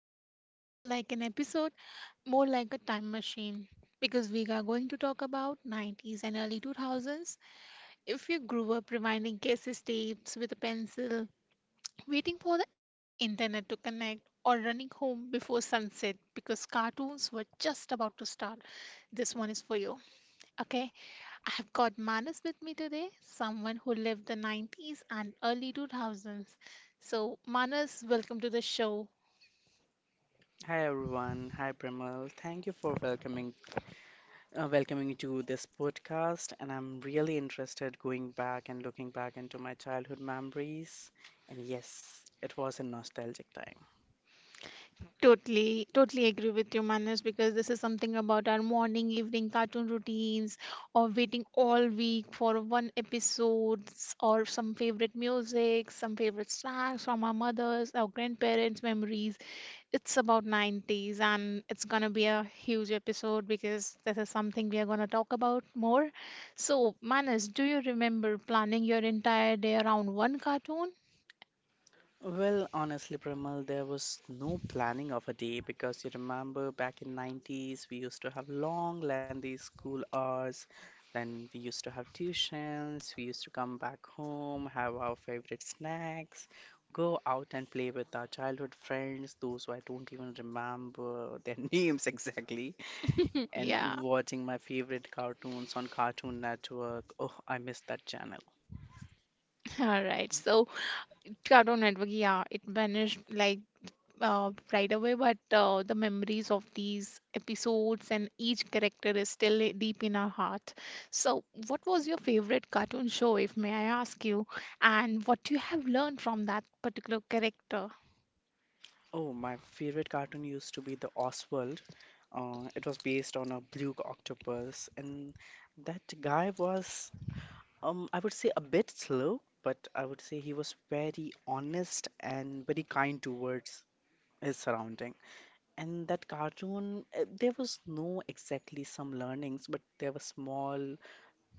is going to feel like an episode, more like a time machine, because we are going to talk about 90s and early 2000s. If you grew up rewinding cassette tapes with a pencil, waiting for the internet to connect, or running home before sunset because cartoons were just about to start, this one is for you. Okay, I have got Manas with me today, someone who lived the 90s and early 2000s. So, Manas, welcome to the show. Hi everyone, hi Premal. Thank you for welcoming welcoming me to this podcast, and I'm really interested going back and looking back into my childhood memories. And yes, it was a nostalgic time. Totally, totally agree with you, Manas, because this is something about our morning, evening cartoon routines, or waiting all week for one episodes, or some favorite music, some favorite snacks from our mothers, our grandparents' memories. It's about 90s and it's going to be a huge episode because this is something we are going to talk about more. So, Manas, do you remember planning your entire day around one cartoon? Well, honestly, Premal, there was no planning of a day because you remember back in 90's we used to have long lengthy school hours. Then we used to have tuitions, we used to come back home, have our favorite snacks, go out and play with our childhood friends, those who I don't even remember their names exactly, Yeah, and watching my favorite cartoons on Cartoon Network. Oh, I miss that channel. all right. So, Cartoon Network, yeah, it vanished like right away, but the memories of these episodes and each character is still deep in our heart. So, what was your favorite cartoon show, if may I ask you, and what you have learned from that particular character? Oh, my favorite cartoon used to be the Oswald. It was based on a blue octopus, and that guy was, I would say a bit slow, but I would say he was very honest and very kind towards his surrounding. And that cartoon, there was no exactly some learnings, but there were small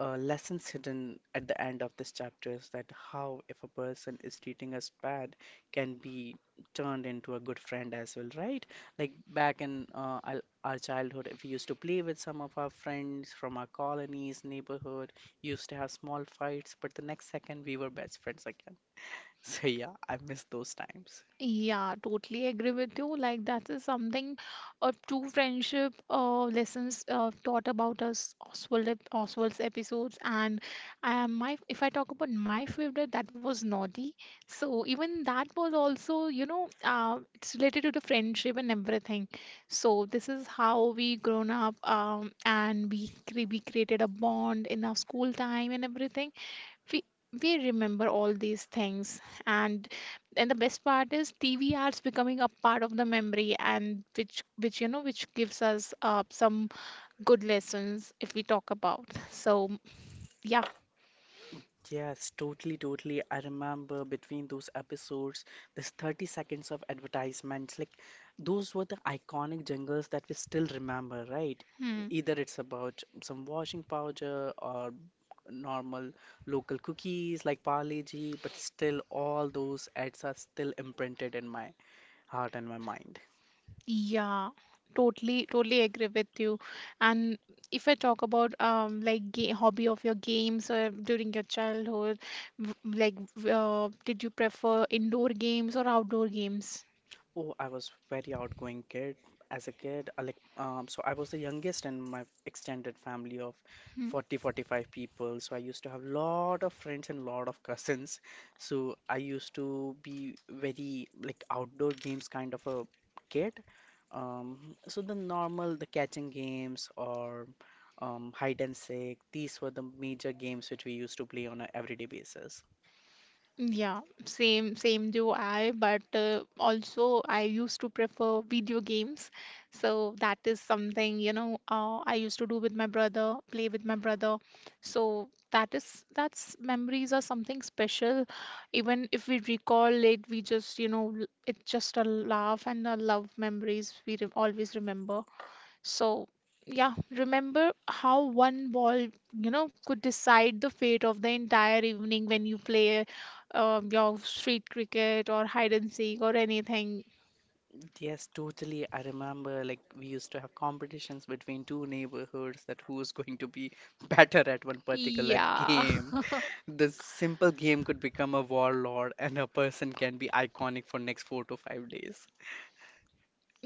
lessons hidden at the end of this chapter is that how if a person is treating us bad can be turned into a good friend as well, right? Like back in our childhood, if we used to play with some of our friends from our colonies neighborhood, used to have small fights, but the next second we were best friends again. So yeah, I miss those times. Yeah, totally agree with you. Like that is something a true friendship lessons taught about us Oswald Oswald's episodes, and my, if I talk about my favorite, that was Naughty. So even that was also, you know, it's related to the friendship and everything. So this is how we grown up, and we we created a bond in our school time and everything. We remember all these things, and the best part is TV ads becoming a part of the memory, and which you know which gives us some good lessons, if we talk about. So yeah. Yes, totally, totally. I remember between those episodes, this 30 seconds of advertisements, like those were the iconic jingles that we still remember, right? hmm, Either it's about some washing powder or normal local cookies like Parle-G, but still all those ads are still imprinted in my heart and my mind. yeah, totally, totally agree with you. And if I talk about, like hobby of your games or during your childhood, w- like did you prefer indoor games or outdoor games? Oh, I was very outgoing kid as a kid. I like so I was the youngest in my extended family of Hmm. 40, 45 people. So I used to have lot of friends and lot of cousins. So I used to be very like outdoor games kind of a kid. So the normal, the catching games or hide and seek, these were the major games which we used to play on a everyday basis. Yeah, same same do I, but also I used to prefer video games. So that is something, you know, I used to do with my brother, play with my brother. So that is that's memories are something special. Even if we recall it, we just, you know, it's just a laugh and a love memories we re always remember. So, yeah, remember how one ball, you know, could decide the fate of the entire evening when you play your street cricket or hide and seek or anything. Yes, totally. I remember like we used to have competitions between two neighborhoods that who's going to be better at one particular Yeah. game. This simple game could become a warlord, and a person can be iconic for next 4 to 5 days.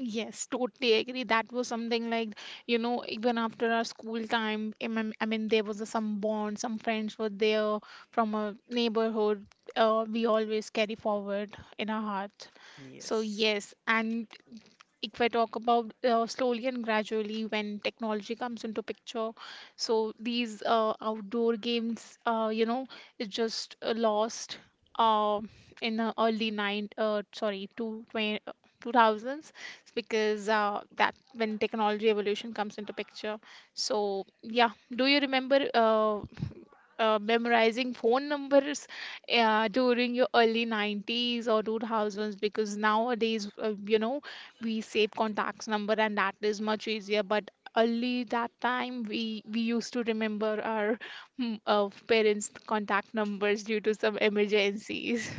Yes, totally agree. That was something like, you know, even after our school time, I mean, there was a, some bond, some friends were there from a neighborhood. We always carry forward in our heart. So, Yes. yes. And if I talk about slowly and gradually when technology comes into picture, so these outdoor games, you know, it just lost uh, in the early nine, sorry, two twenty. 2000s, because that when technology evolution comes into picture. So yeah, do you remember memorizing phone numbers during your early 90s or 2000s? Because nowadays, you know, we save contacts number and that is much easier. But early that time, we used to remember our parents contact numbers due to some emergencies.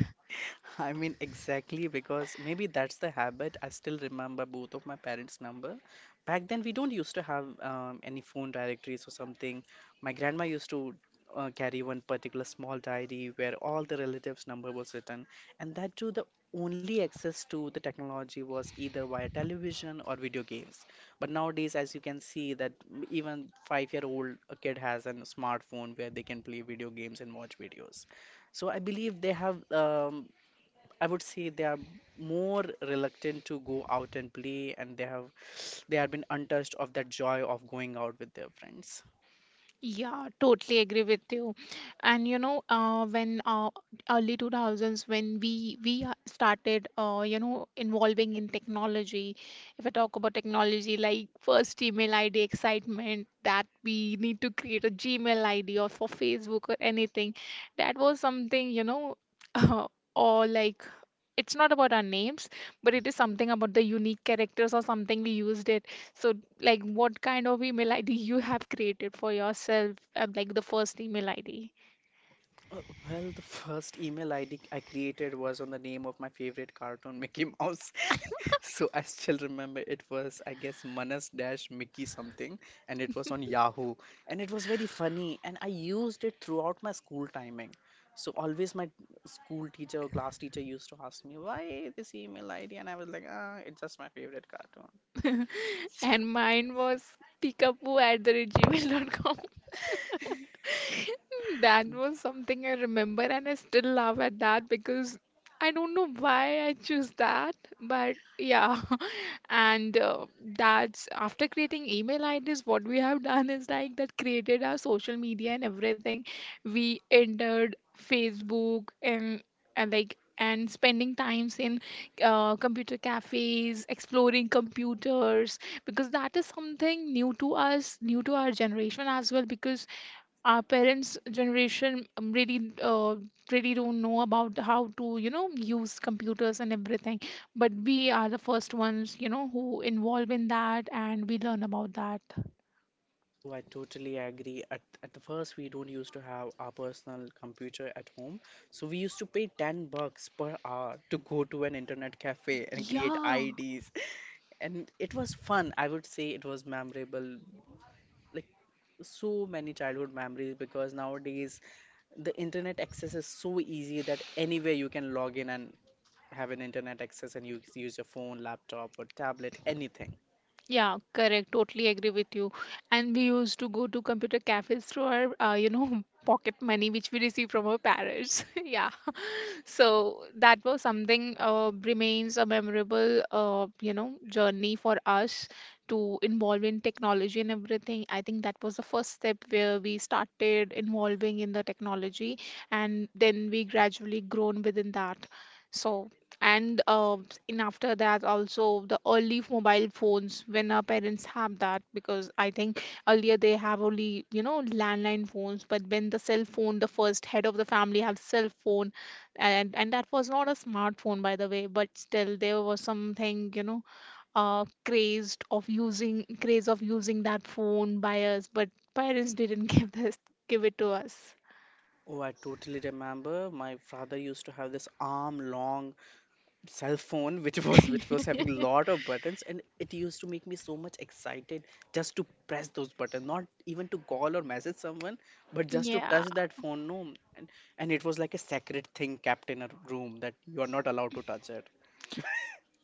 I mean, exactly because maybe that's the habit. I still remember both of my parents' number. Back then, we don't used to have any phone directories or something. My grandma used to carry one particular small diary where all the relatives' number was written, and that too, the only access to the technology was either via television or video games. But nowadays, as you can see, that even five-year-old kid has a smartphone where they can play video games and watch videos. So I believe they have I would say they are more reluctant to go out and play, and they have been untouched of that joy of going out with their friends. Yeah, totally agree with you. And you know, when early 2000s, when we started, you know, involving in technology, if I talk about technology, like first email ID excitement that we need to create a Gmail ID or for Facebook or anything, that was something, you know, or like. It's not about our names, but it is something about the unique characters or something we used it. So, like, what kind of email ID you have created for yourself? Like the first email ID, Uh, Well, the first email ID I created was on the name of my favorite cartoon, Mickey Mouse. So I still remember it was, I guess, Manas dash Mickey something, and it was on Yahoo. And it was very funny, and I used it throughout my school timing. So always my school teacher or class teacher used to ask me, why this email ID? And I was like, ah, it's just my favorite cartoon. and mine was peekaboo at the... That was something I remember, and I still laugh at that because I don't know why I choose that, but yeah. And that's after creating email IDs, what we have done is like that created our social media and everything. We entered Facebook, and spending times in computer cafes, exploring computers, because that is something new to us, new to our generation as well. Because our parents' generation, really don't know about how to, you know, use computers and everything. But we are the first ones, you know, who involve in that and we learn about that. Oh, I totally agree. At the first, we don't used to have our personal computer at home. So we used to pay 10 bucks per hour to go to an internet cafe and create Yeah, IDs. And it was fun. I would say it was memorable. Like, so many childhood memories, because nowadays the internet access is so easy that anywhere you can log in and have an internet access and you use your phone, laptop, or tablet, anything. yeah, correct. Totally agree with you. And we used to go to computer cafes through our, you know, pocket money which we receive from our parents. Yeah. So that was something remains a memorable, you know, journey for us to involve in technology and everything. I think that was the first step where we started involving in the technology, and then we gradually grown within that. So, and in after that also, the early mobile phones, when our parents have that. Because I think earlier they have only, you know, landline phones, but when the cell phone, the first head of the family have cell phone, and that was not a smartphone, by the way, but still there was something, you know, crazed of using, craze of using that phone by us, but parents didn't give this, give it to us. Oh, I totally remember. My father used to have this arm long cell phone, which was having a lot of buttons, and it used to make me so much excited just to press those buttons, not even to call or message someone, but just to Yeah. touch that phone. No, and it was like a sacred thing kept in a room that you are not allowed to touch it.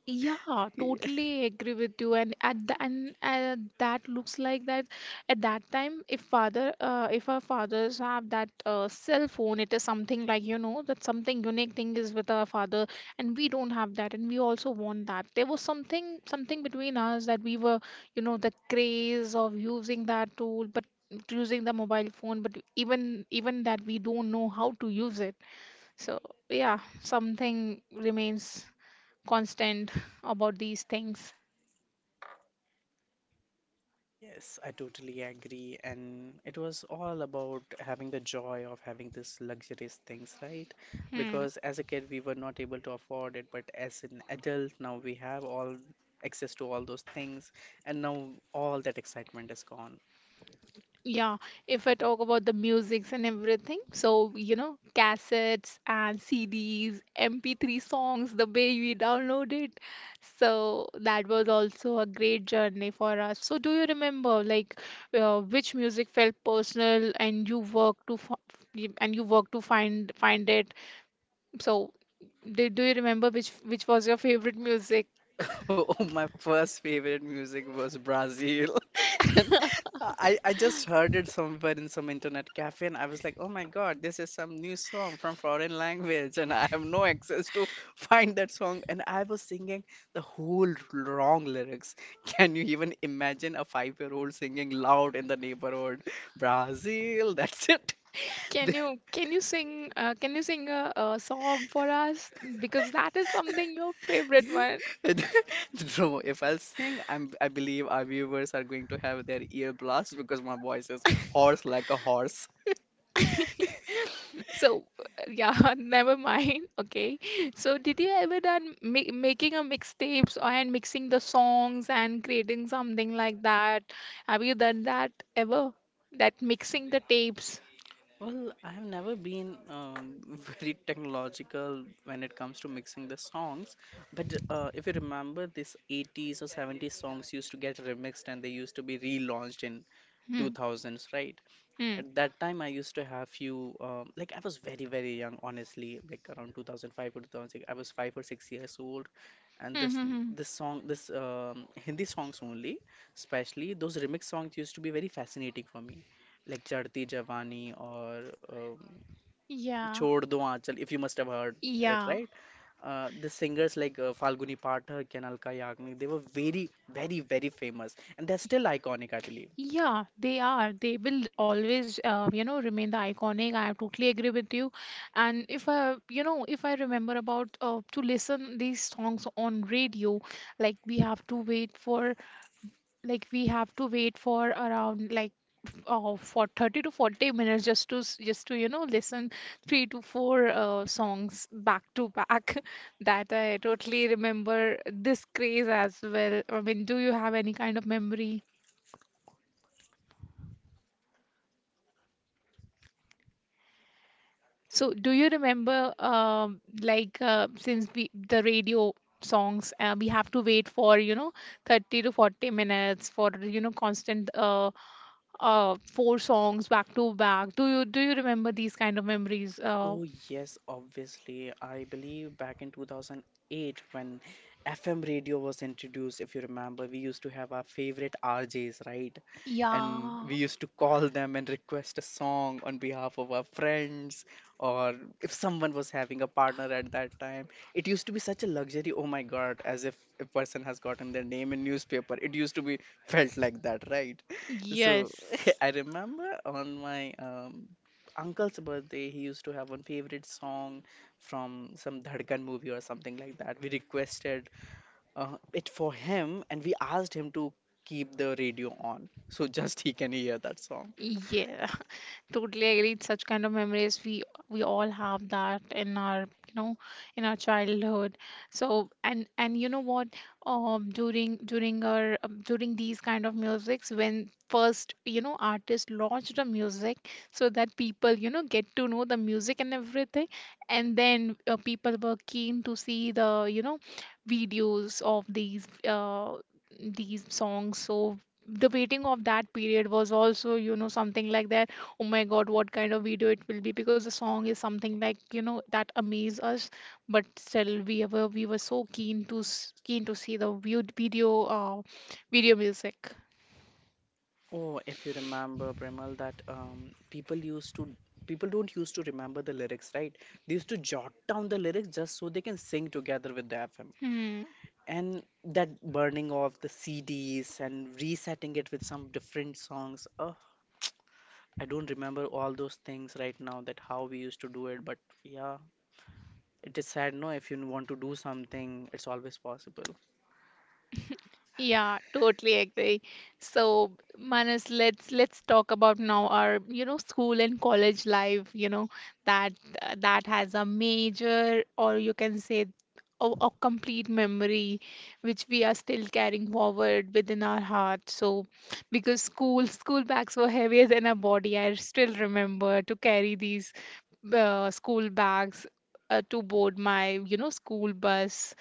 Yeah, totally agree with you. And at the and that looks like that at that time, if father, if our fathers have that cell phone, it is something like, you know, that something unique thing is with our father, and we don't have that, and we also want that. There was something between us that we were, you know, the craze of using that tool, but using the mobile phone, but even that we don't know how to use it. So yeah, something remains constant about these things. Yes, I totally agree. And it was all about having the joy of having these luxurious things, right? Hmm. Because as a kid, we were not able to afford it, but as an adult, now we have all access to all those things, and now all that excitement is gone. Yeah, if I talk about the musics and everything, so you know, cassettes and CDs, MP3 songs, the way we download it. So that was also a great journey for us. So do you remember, like, which music felt personal and you worked to f and you worked to find it? So do, do you remember which was your favorite music? Oh, my first favorite music was Brazil. And I just heard it somewhere in some internet cafe, and I was like, oh my God, this is some new song from foreign language, and I have no access to find that song. And I was singing the whole wrong lyrics. Can you even imagine a five-year-old singing loud in the neighborhood? Brazil, that's it. Can you sing, can you sing a song for us? Because that is something your favorite one. Bro, if I'll sing, I believe our viewers are going to have their ear blast because my voice is hoarse like a horse. So yeah, never mind. Okay. So did you ever done making a mixtapes and mixing the songs and creating something like that? Have you done that ever? That mixing the tapes. Well, I've never been very technological when it comes to mixing the songs, but if you remember, this 80's or 70's songs used to get remixed and they used to be relaunched in Hmm. 2000's, right? Hmm. At that time, I used to have few, like I was very, very young, honestly, like around 2005 or 2006. I was 5 or 6 years old, and Hmm. this Hmm. Hmm. this song, this Hindi songs only, especially those remix songs used to be very fascinating for me, like Chadti Javani or um, Yeah. Chhod Do Aanchal, if you must have heard it, Yeah. right? The singers like Falguni Pathak and Alka Yagnik, they were very, very, very famous, and they're still iconic, I believe. Yeah, they are. They will always, you know, remain the iconic. I totally agree with you. And if I, you know, if I remember about to listen these songs on radio, like we have to wait for, like we have to wait for around like for 30 to 40 minutes just to just to, you know, listen three to four songs back to back. That I totally remember this craze as well. I mean, do you have any kind of memory? So, do you remember, since we the radio songs, we have to wait for, you know, 30 to 40 minutes for, you know, constant four songs back to back. Do you remember these kind of memories? Oh yes, obviously. I believe back in 2008 when FM radio was introduced, if you remember, we used to have our favorite RJs, right? And we Yeah. used to call them and request a song on behalf of our friends, or if someone was having a partner at that time. It used to be such a luxury, oh my God, as if a person has gotten their name in newspaper. It used to be felt like that, right? So Yes. I remember on my uncle's birthday, he used to have one favorite song from some Dhadkan movie or something like that. We requested it for him and we asked him to keep the radio on so just he can hear that song. Yeah, totally agree. Such kind of memories we all have that in our, you know, in our childhood. So. And you know what? During our, during these kind of musics, when first, you know, artist launched the music, so that people, you know, get to know the music and everything, and then people were keen to see the, you know, videos of these songs. So the waiting of that period was also, you know, something like that. Oh my god, what kind of video it will be, because the song is something like, you know, that amaze us, but still we were, so keen to see the viewed video, video music. Oh, if you remember, Premal, that people don't used to remember the lyrics, right? They used to jot down the lyrics just so they can sing together with the FM. Hmm. And that burning of the CDs and resetting it with some different songs. I don't remember all those things right now that how we used to do it, but yeah, it is sad, no? If you want to do something, it's always possible. Yeah, totally agree. So, Manas, let's talk about now our, you know, school and college life, you know, that that has a major, or you can say a complete memory which we are still carrying forward within our heart. So, because school bags were heavier than our body, I still remember to carry these school bags to board my, you know, school bus.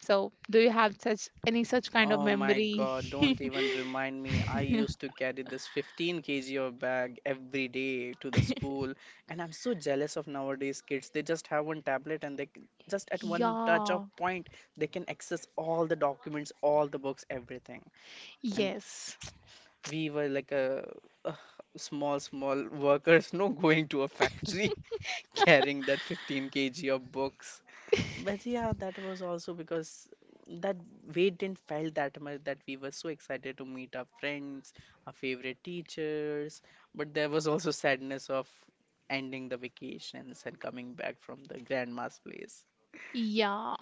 So, do you have such any such kind of Oh my memory? God, don't even remind me. I used to carry this 15 kg of bag every day to the school, and I'm so jealous of nowadays kids. They just have one tablet and they just at one touch of Yeah. point, they can access all the documents, all the books, everything. And Yes. we were like a, uh, small, small workers, no, going to a factory, carrying that 15 kg of books. But yeah, that was also because that weight didn't felt that much that we were so excited to meet our friends, our favorite teachers. But there was also sadness of ending the vacations and coming back from the grandma's place. Yeah.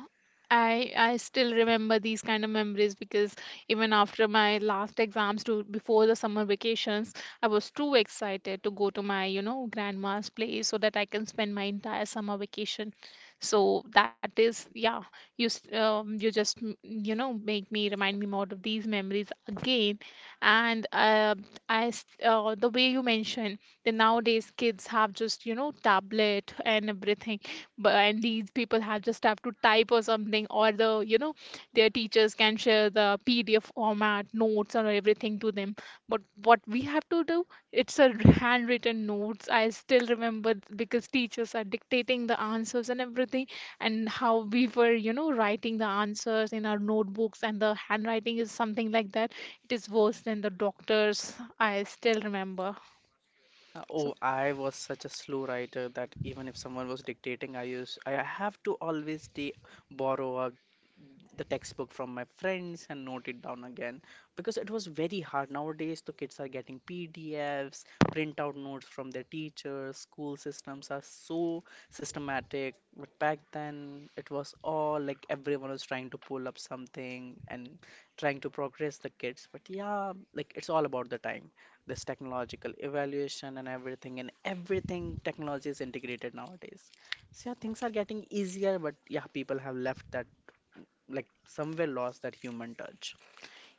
I still remember these kind of memories because even after my last exams to before the summer vacations, I was too excited to go to my, you know, grandma's place so that I can spend my entire summer vacation. So that is, yeah, you s- you just mm, you know, make me remind me more of these memories again, and the way you mentioned that nowadays kids have just, you know, tablet and everything, but and these people have just have to type or something, or the, you know, their teachers can share the PDF format notes or everything to them. But what we have to do, it's a handwritten notes. I still remember because teachers are dictating the answers and everything, and how we were, you know, writing the answers in our notebooks, and the handwriting is something like that it is worse than the doctors, I still remember. So Oh, I was such a slow writer that even if someone was dictating, I have to always de borrow a, the textbook from my friends and note it down again because it was very hard. Nowadays, the kids are getting PDFs, printout notes from their teachers. School systems are so systematic, but back then it was all like everyone was trying to pull up something and trying to progress the kids. But yeah, like it's all about the time, this technological evaluation and everything, and everything technology is integrated nowadays. So yeah, things are getting easier, but yeah, people have left that, like somewhere lost that human touch.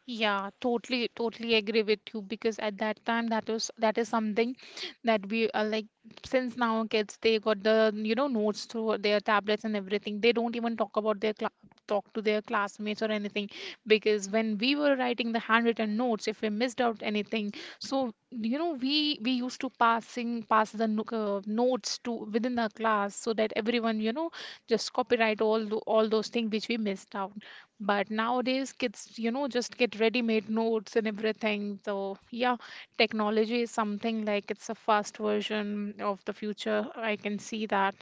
yeah, totally, totally agree with you because at that time that is something that we are like, since now kids they got the, you know, notes through their tablets and everything, they don't even talk about their cla talk to their classmates or anything, because when we were writing the handwritten notes, if we missed out anything, so you know, we used to pass the notes to within the class so that everyone, you know, just copyright all those things which we missed out. But nowadays, kids, you know, just get ready-made notes and everything. So, yeah, technology is something like it's a fast version of the future. I can see that.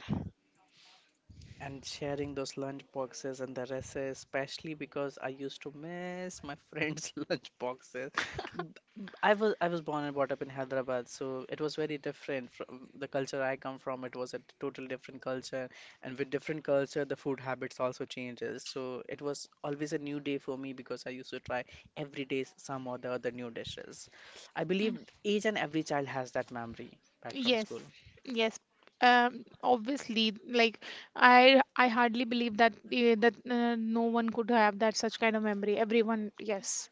And sharing those lunch boxes and the recess, especially because I used to miss my friends' lunch boxes. B- I was born and brought up in Hyderabad, so it was very different from the culture I come from. It was a totally different culture, and with different culture, the food habits also changes. So it was always a new day for me because I used to try every day some or the other new dishes. I believe each and every child has that memory back from Yes, school. yes. Obviously, like, I hardly believe that no one could have that such kind of memory. Everyone, yes.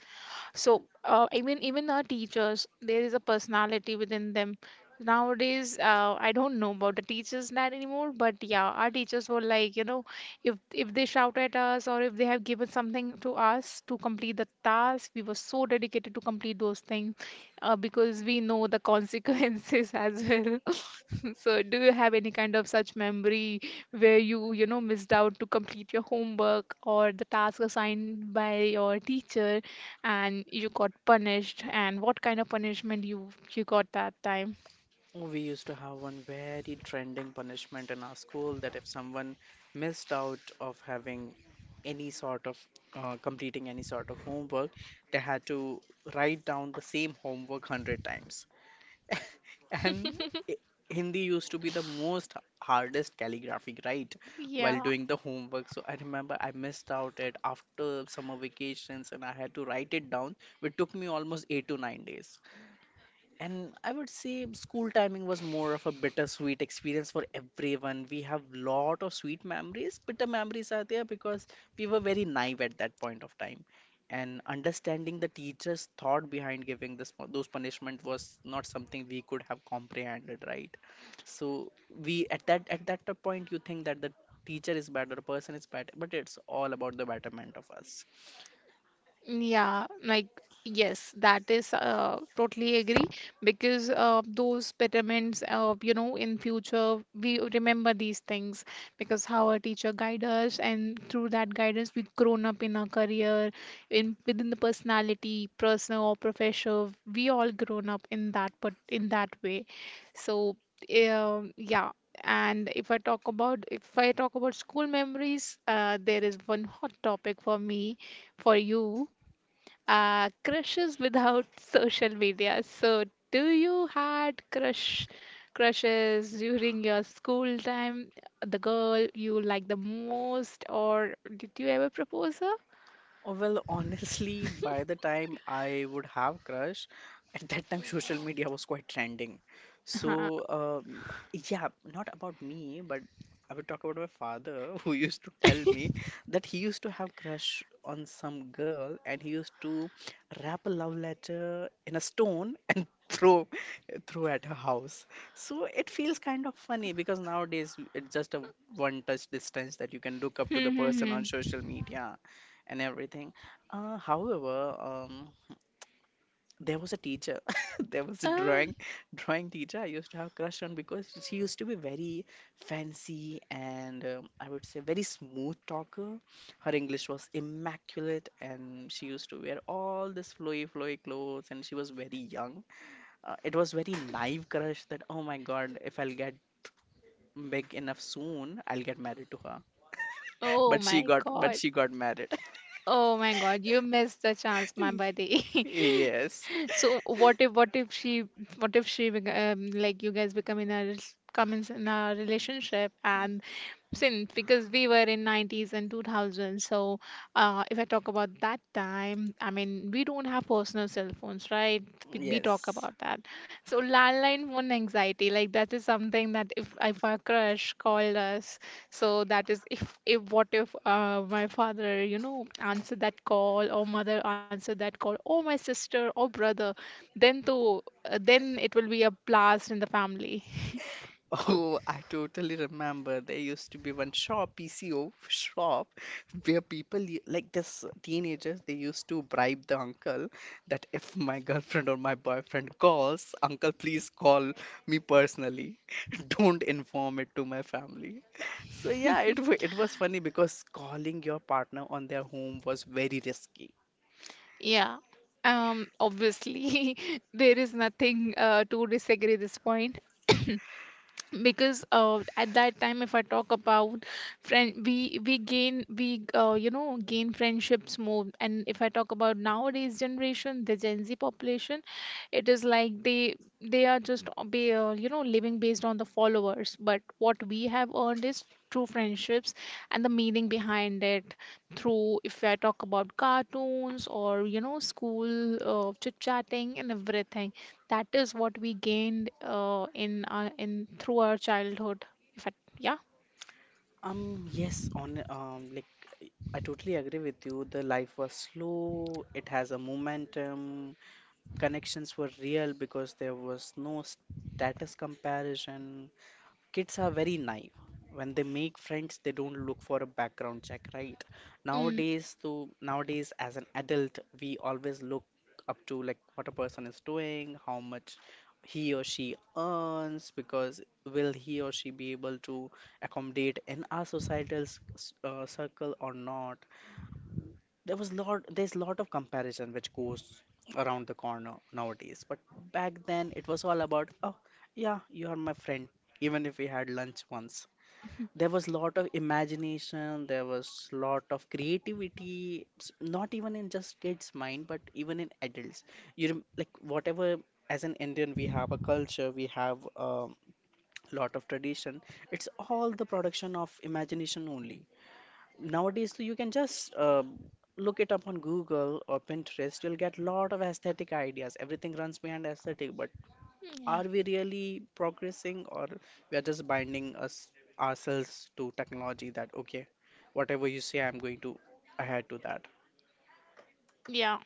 So, even our teachers, there is a personality within them. Nowadays, I don't know about the teachers that anymore, but yeah, our teachers were like, you know, if they shout at us, or if they have given something to us to complete the task, we were so dedicated to complete those things because we know the consequences as well. So, do you have any kind of such memory where you know, missed out to complete your homework or the task assigned by your teacher and you got punished? And what kind of punishment you got that time? We used to have one very trending punishment in our school that if someone missed out of having any sort of completing any sort of homework, they had to write down the same homework 100 times. And i- Hindi used to be the most hardest calligraphy, right? While Yeah. doing the homework. So I remember I missed out it after summer vacations and I had to write it down, which took me almost 8 to 9 days. And I would say school timing was more of a bittersweet experience for everyone. We have lot of sweet memories. Bitter memories are there because we were very naive at that point of time. And understanding the teacher's thought behind giving this those punishment was not something we could have comprehended, right? So we at that point you think that the teacher is bad or the person is bad, but it's all about the betterment of us. Yeah, like, yes, that is, totally agree, because those betterments, you know, in future we remember these things, because how our teacher guide us, and through that guidance we grown up in our career, in within the personality, personal or professional, we all grown up in that but in that way. So yeah. And if I talk about school memories, there is one hot topic for me, for you, crushes without social media. So, do you had crushes during your school time? The girl you like the most, or did you ever propose Oh, well, honestly, by the time I would have crush, at that time social media was quite trending. So, her? um, yeah, not about me, but I would talk about my father who used to tell me that he used to have crush on some girl and he used to wrap a love letter in a stone and throw at her house. So it feels kind of funny because nowadays it's just a one touch distance that you can look up to the person on social media and everything. However, there was a teacher, there was a Uh, drawing teacher I used to have crush on because she used to be very fancy and I would say very smooth talker. Her English was immaculate, and she used to wear all this flowy clothes, and she was very young. It was very naive crush that oh my God, if I'll get big enough soon, I'll get married to her. oh But my God. she got married. Oh my God, you missed the chance, my buddy. Yes. So what if she bec- like you guys become in a come in a relationship, and since because we were in 90's and 2000's, so if I talk about that time, I mean we don't have personal cell phones, right? We talk Yes. about that, so landline phone anxiety, like that is something that if our crush called us, so that is, if what if my father, you know, answered that call, or mother answered that call, or my sister or brother, then to then it will be a blast in the family. Oh, I totally remember. There used to be one shop, PCO shop, where people like this teenagers they used to bribe the uncle that if my girlfriend or my boyfriend calls, uncle, please call me personally. Don't inform it to my family. So yeah, it was funny because calling your partner on their home was very risky. Yeah. Obviously there is nothing to disagree this point. Because at that time, if I talk about friend, we you know, gain friendships more. And if I talk about nowadays generation, the Gen Z population, it is like they are just be you know, living based on the followers, but what we have earned is true friendships, and the meaning behind it, through, if I talk about cartoons, or you know, school chit chatting and everything, that is what we gained in our, in through our childhood. If I, Yeah. Yes, on like I totally agree with you. The life was slow. It has a momentum. Connections were real because there was no status comparison. Kids are very naive. When they make friends, they don't look for a background check, right? Mm, Nowadays as an adult, we always look up to like what a person is doing, how much he or she earns, because will he or she be able to accommodate in our societal circle or not? There's lot of comparison which goes around the corner nowadays, but back then it was all about, oh yeah, you are my friend, even if we had lunch once. There was lot of imagination, there was lot of creativity, not even in just kids mind but even in adults. You rem- like whatever as an Indian we have a culture, we have a lot of tradition. It's all the production of imagination only. Nowadays you can just look it up on Google or Pinterest. You'll get a lot of aesthetic ideas. Everything runs behind aesthetic, but yeah, are we really progressing, or we are just binding us ourselves to technology that okay, whatever you say, I'm going to adhere to that. yeah.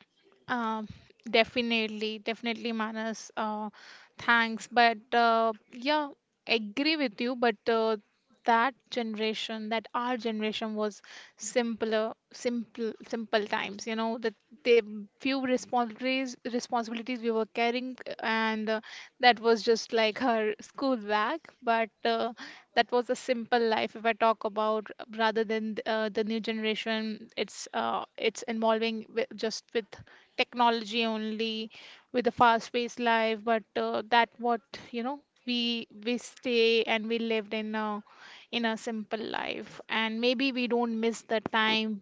um Definitely, Manas, thanks, but yeah, agree with you. But that generation, that our generation was simple times, you know, that the few responsibilities we were carrying, and that was just like her school bag, but that was a simple life, if I talk about, rather than the new generation. It's, it's involving with, just with technology only, with a fast paced life. But that, what, you know, we stay and we lived in a simple life, and maybe we don't miss the time,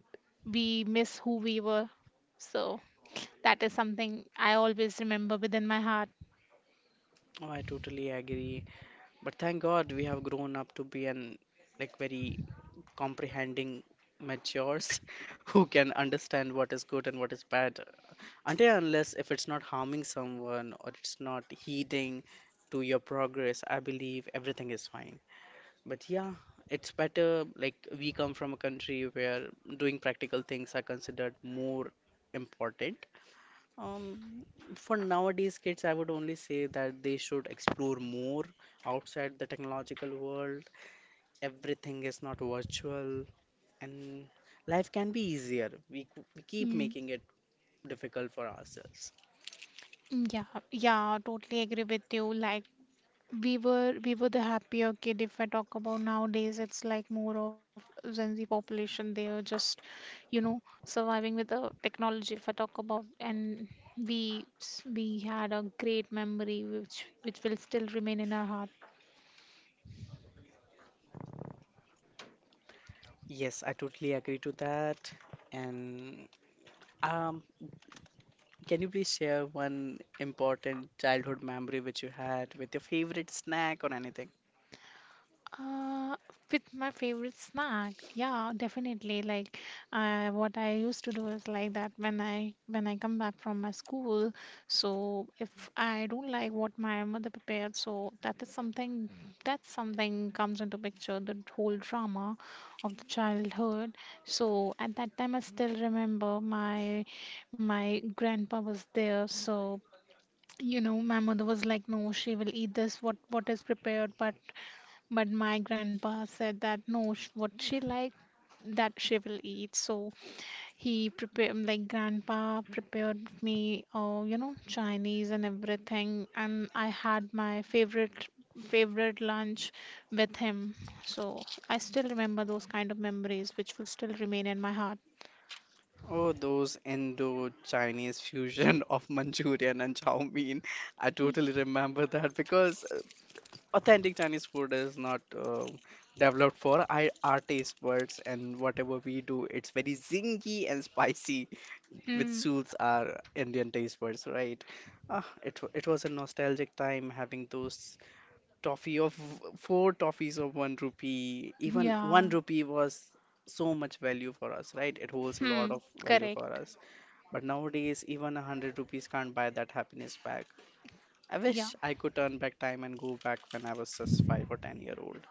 we miss who we were. So that is something I always remember within my heart. Oh, I totally agree. But thank God we have grown up to be an like very comprehending matures who can understand what is good and what is bad. Until and unless if it's not harming someone or it's not heeding to your progress, I believe everything is fine. But yeah, it's better, like, we come from a country where doing practical things are considered more important. um, for nowadays kids, I would only say that they should explore more outside the technological world. Everything is not virtual, and life can be easier. We keep Mm, making it difficult for ourselves. yeah, yeah, totally agree with you. Like, we were the happier kid. If I talk about nowadays, it's like more of Gen Z population, they are just, you know, surviving with the technology, if I talk about. And we had a great memory, which will still remain in our heart. Yes, I totally agree to that. And um, can you please share one important childhood memory which you had with your favorite snack or anything? Uh, with my favorite snack, yeah, definitely. Like, what I used to do is like that, when I come back from my school. So if I don't like what my mother prepared, so that is something, that something comes into picture, the whole drama of the childhood. So at that time, I still remember my my grandpa was there. So you know, my mother was like, no, she will eat this, what is prepared, but my grandpa said that, no, what she like, that she will eat. So he prepared, like grandpa prepared me, you know, Chinese and everything, and I had my favorite lunch with him. So I still remember those kind of memories, which will still remain in my heart. Oh, those Indo-Chinese fusion of Manchurian and chow mein. I totally remember that because authentic Chinese food is not developed for our taste buds, and whatever we do, it's very zingy and spicy, which Mm, suits our Indian taste buds, right? Ah, it was a nostalgic time having those toffee of four toffees of one rupee. Even one yeah. rupee was so much value for us, right? It holds a lot Hmm. of value for Correct. us. But nowadays, even 100 rupees can't buy that happiness back. I Yeah. wish I could turn back time and go back when I was just 5 or 10 year old.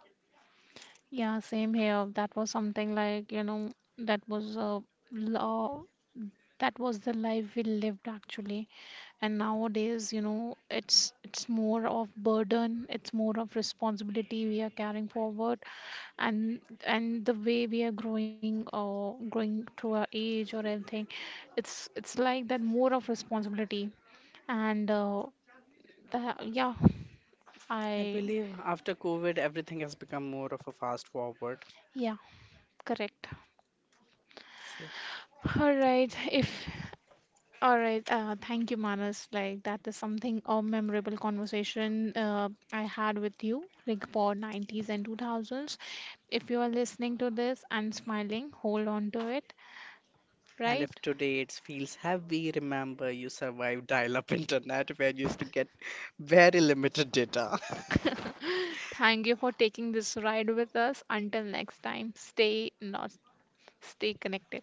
Yeah, same here. That was something like, you know, that was a law, that was the life we lived, actually. And nowadays, you know, it's more of burden, it's more of responsibility we are carrying forward. And the way we are growing, or growing through our age or anything, it's like that, more of responsibility. And that, yeah, I I believe after COVID, everything has become more of a fast forward. yeah, correct. Yeah. All right if All right. Thank you, Manas. Like, that is something, a memorable conversation I had with you, like for 90's and 2000's. If you are listening to this and smiling, hold on to it, And if right? today it feels heavy, remember you survived dial-up internet where you used to get very limited data. Thank you for taking this ride with us. Until next time, stay not stay connected.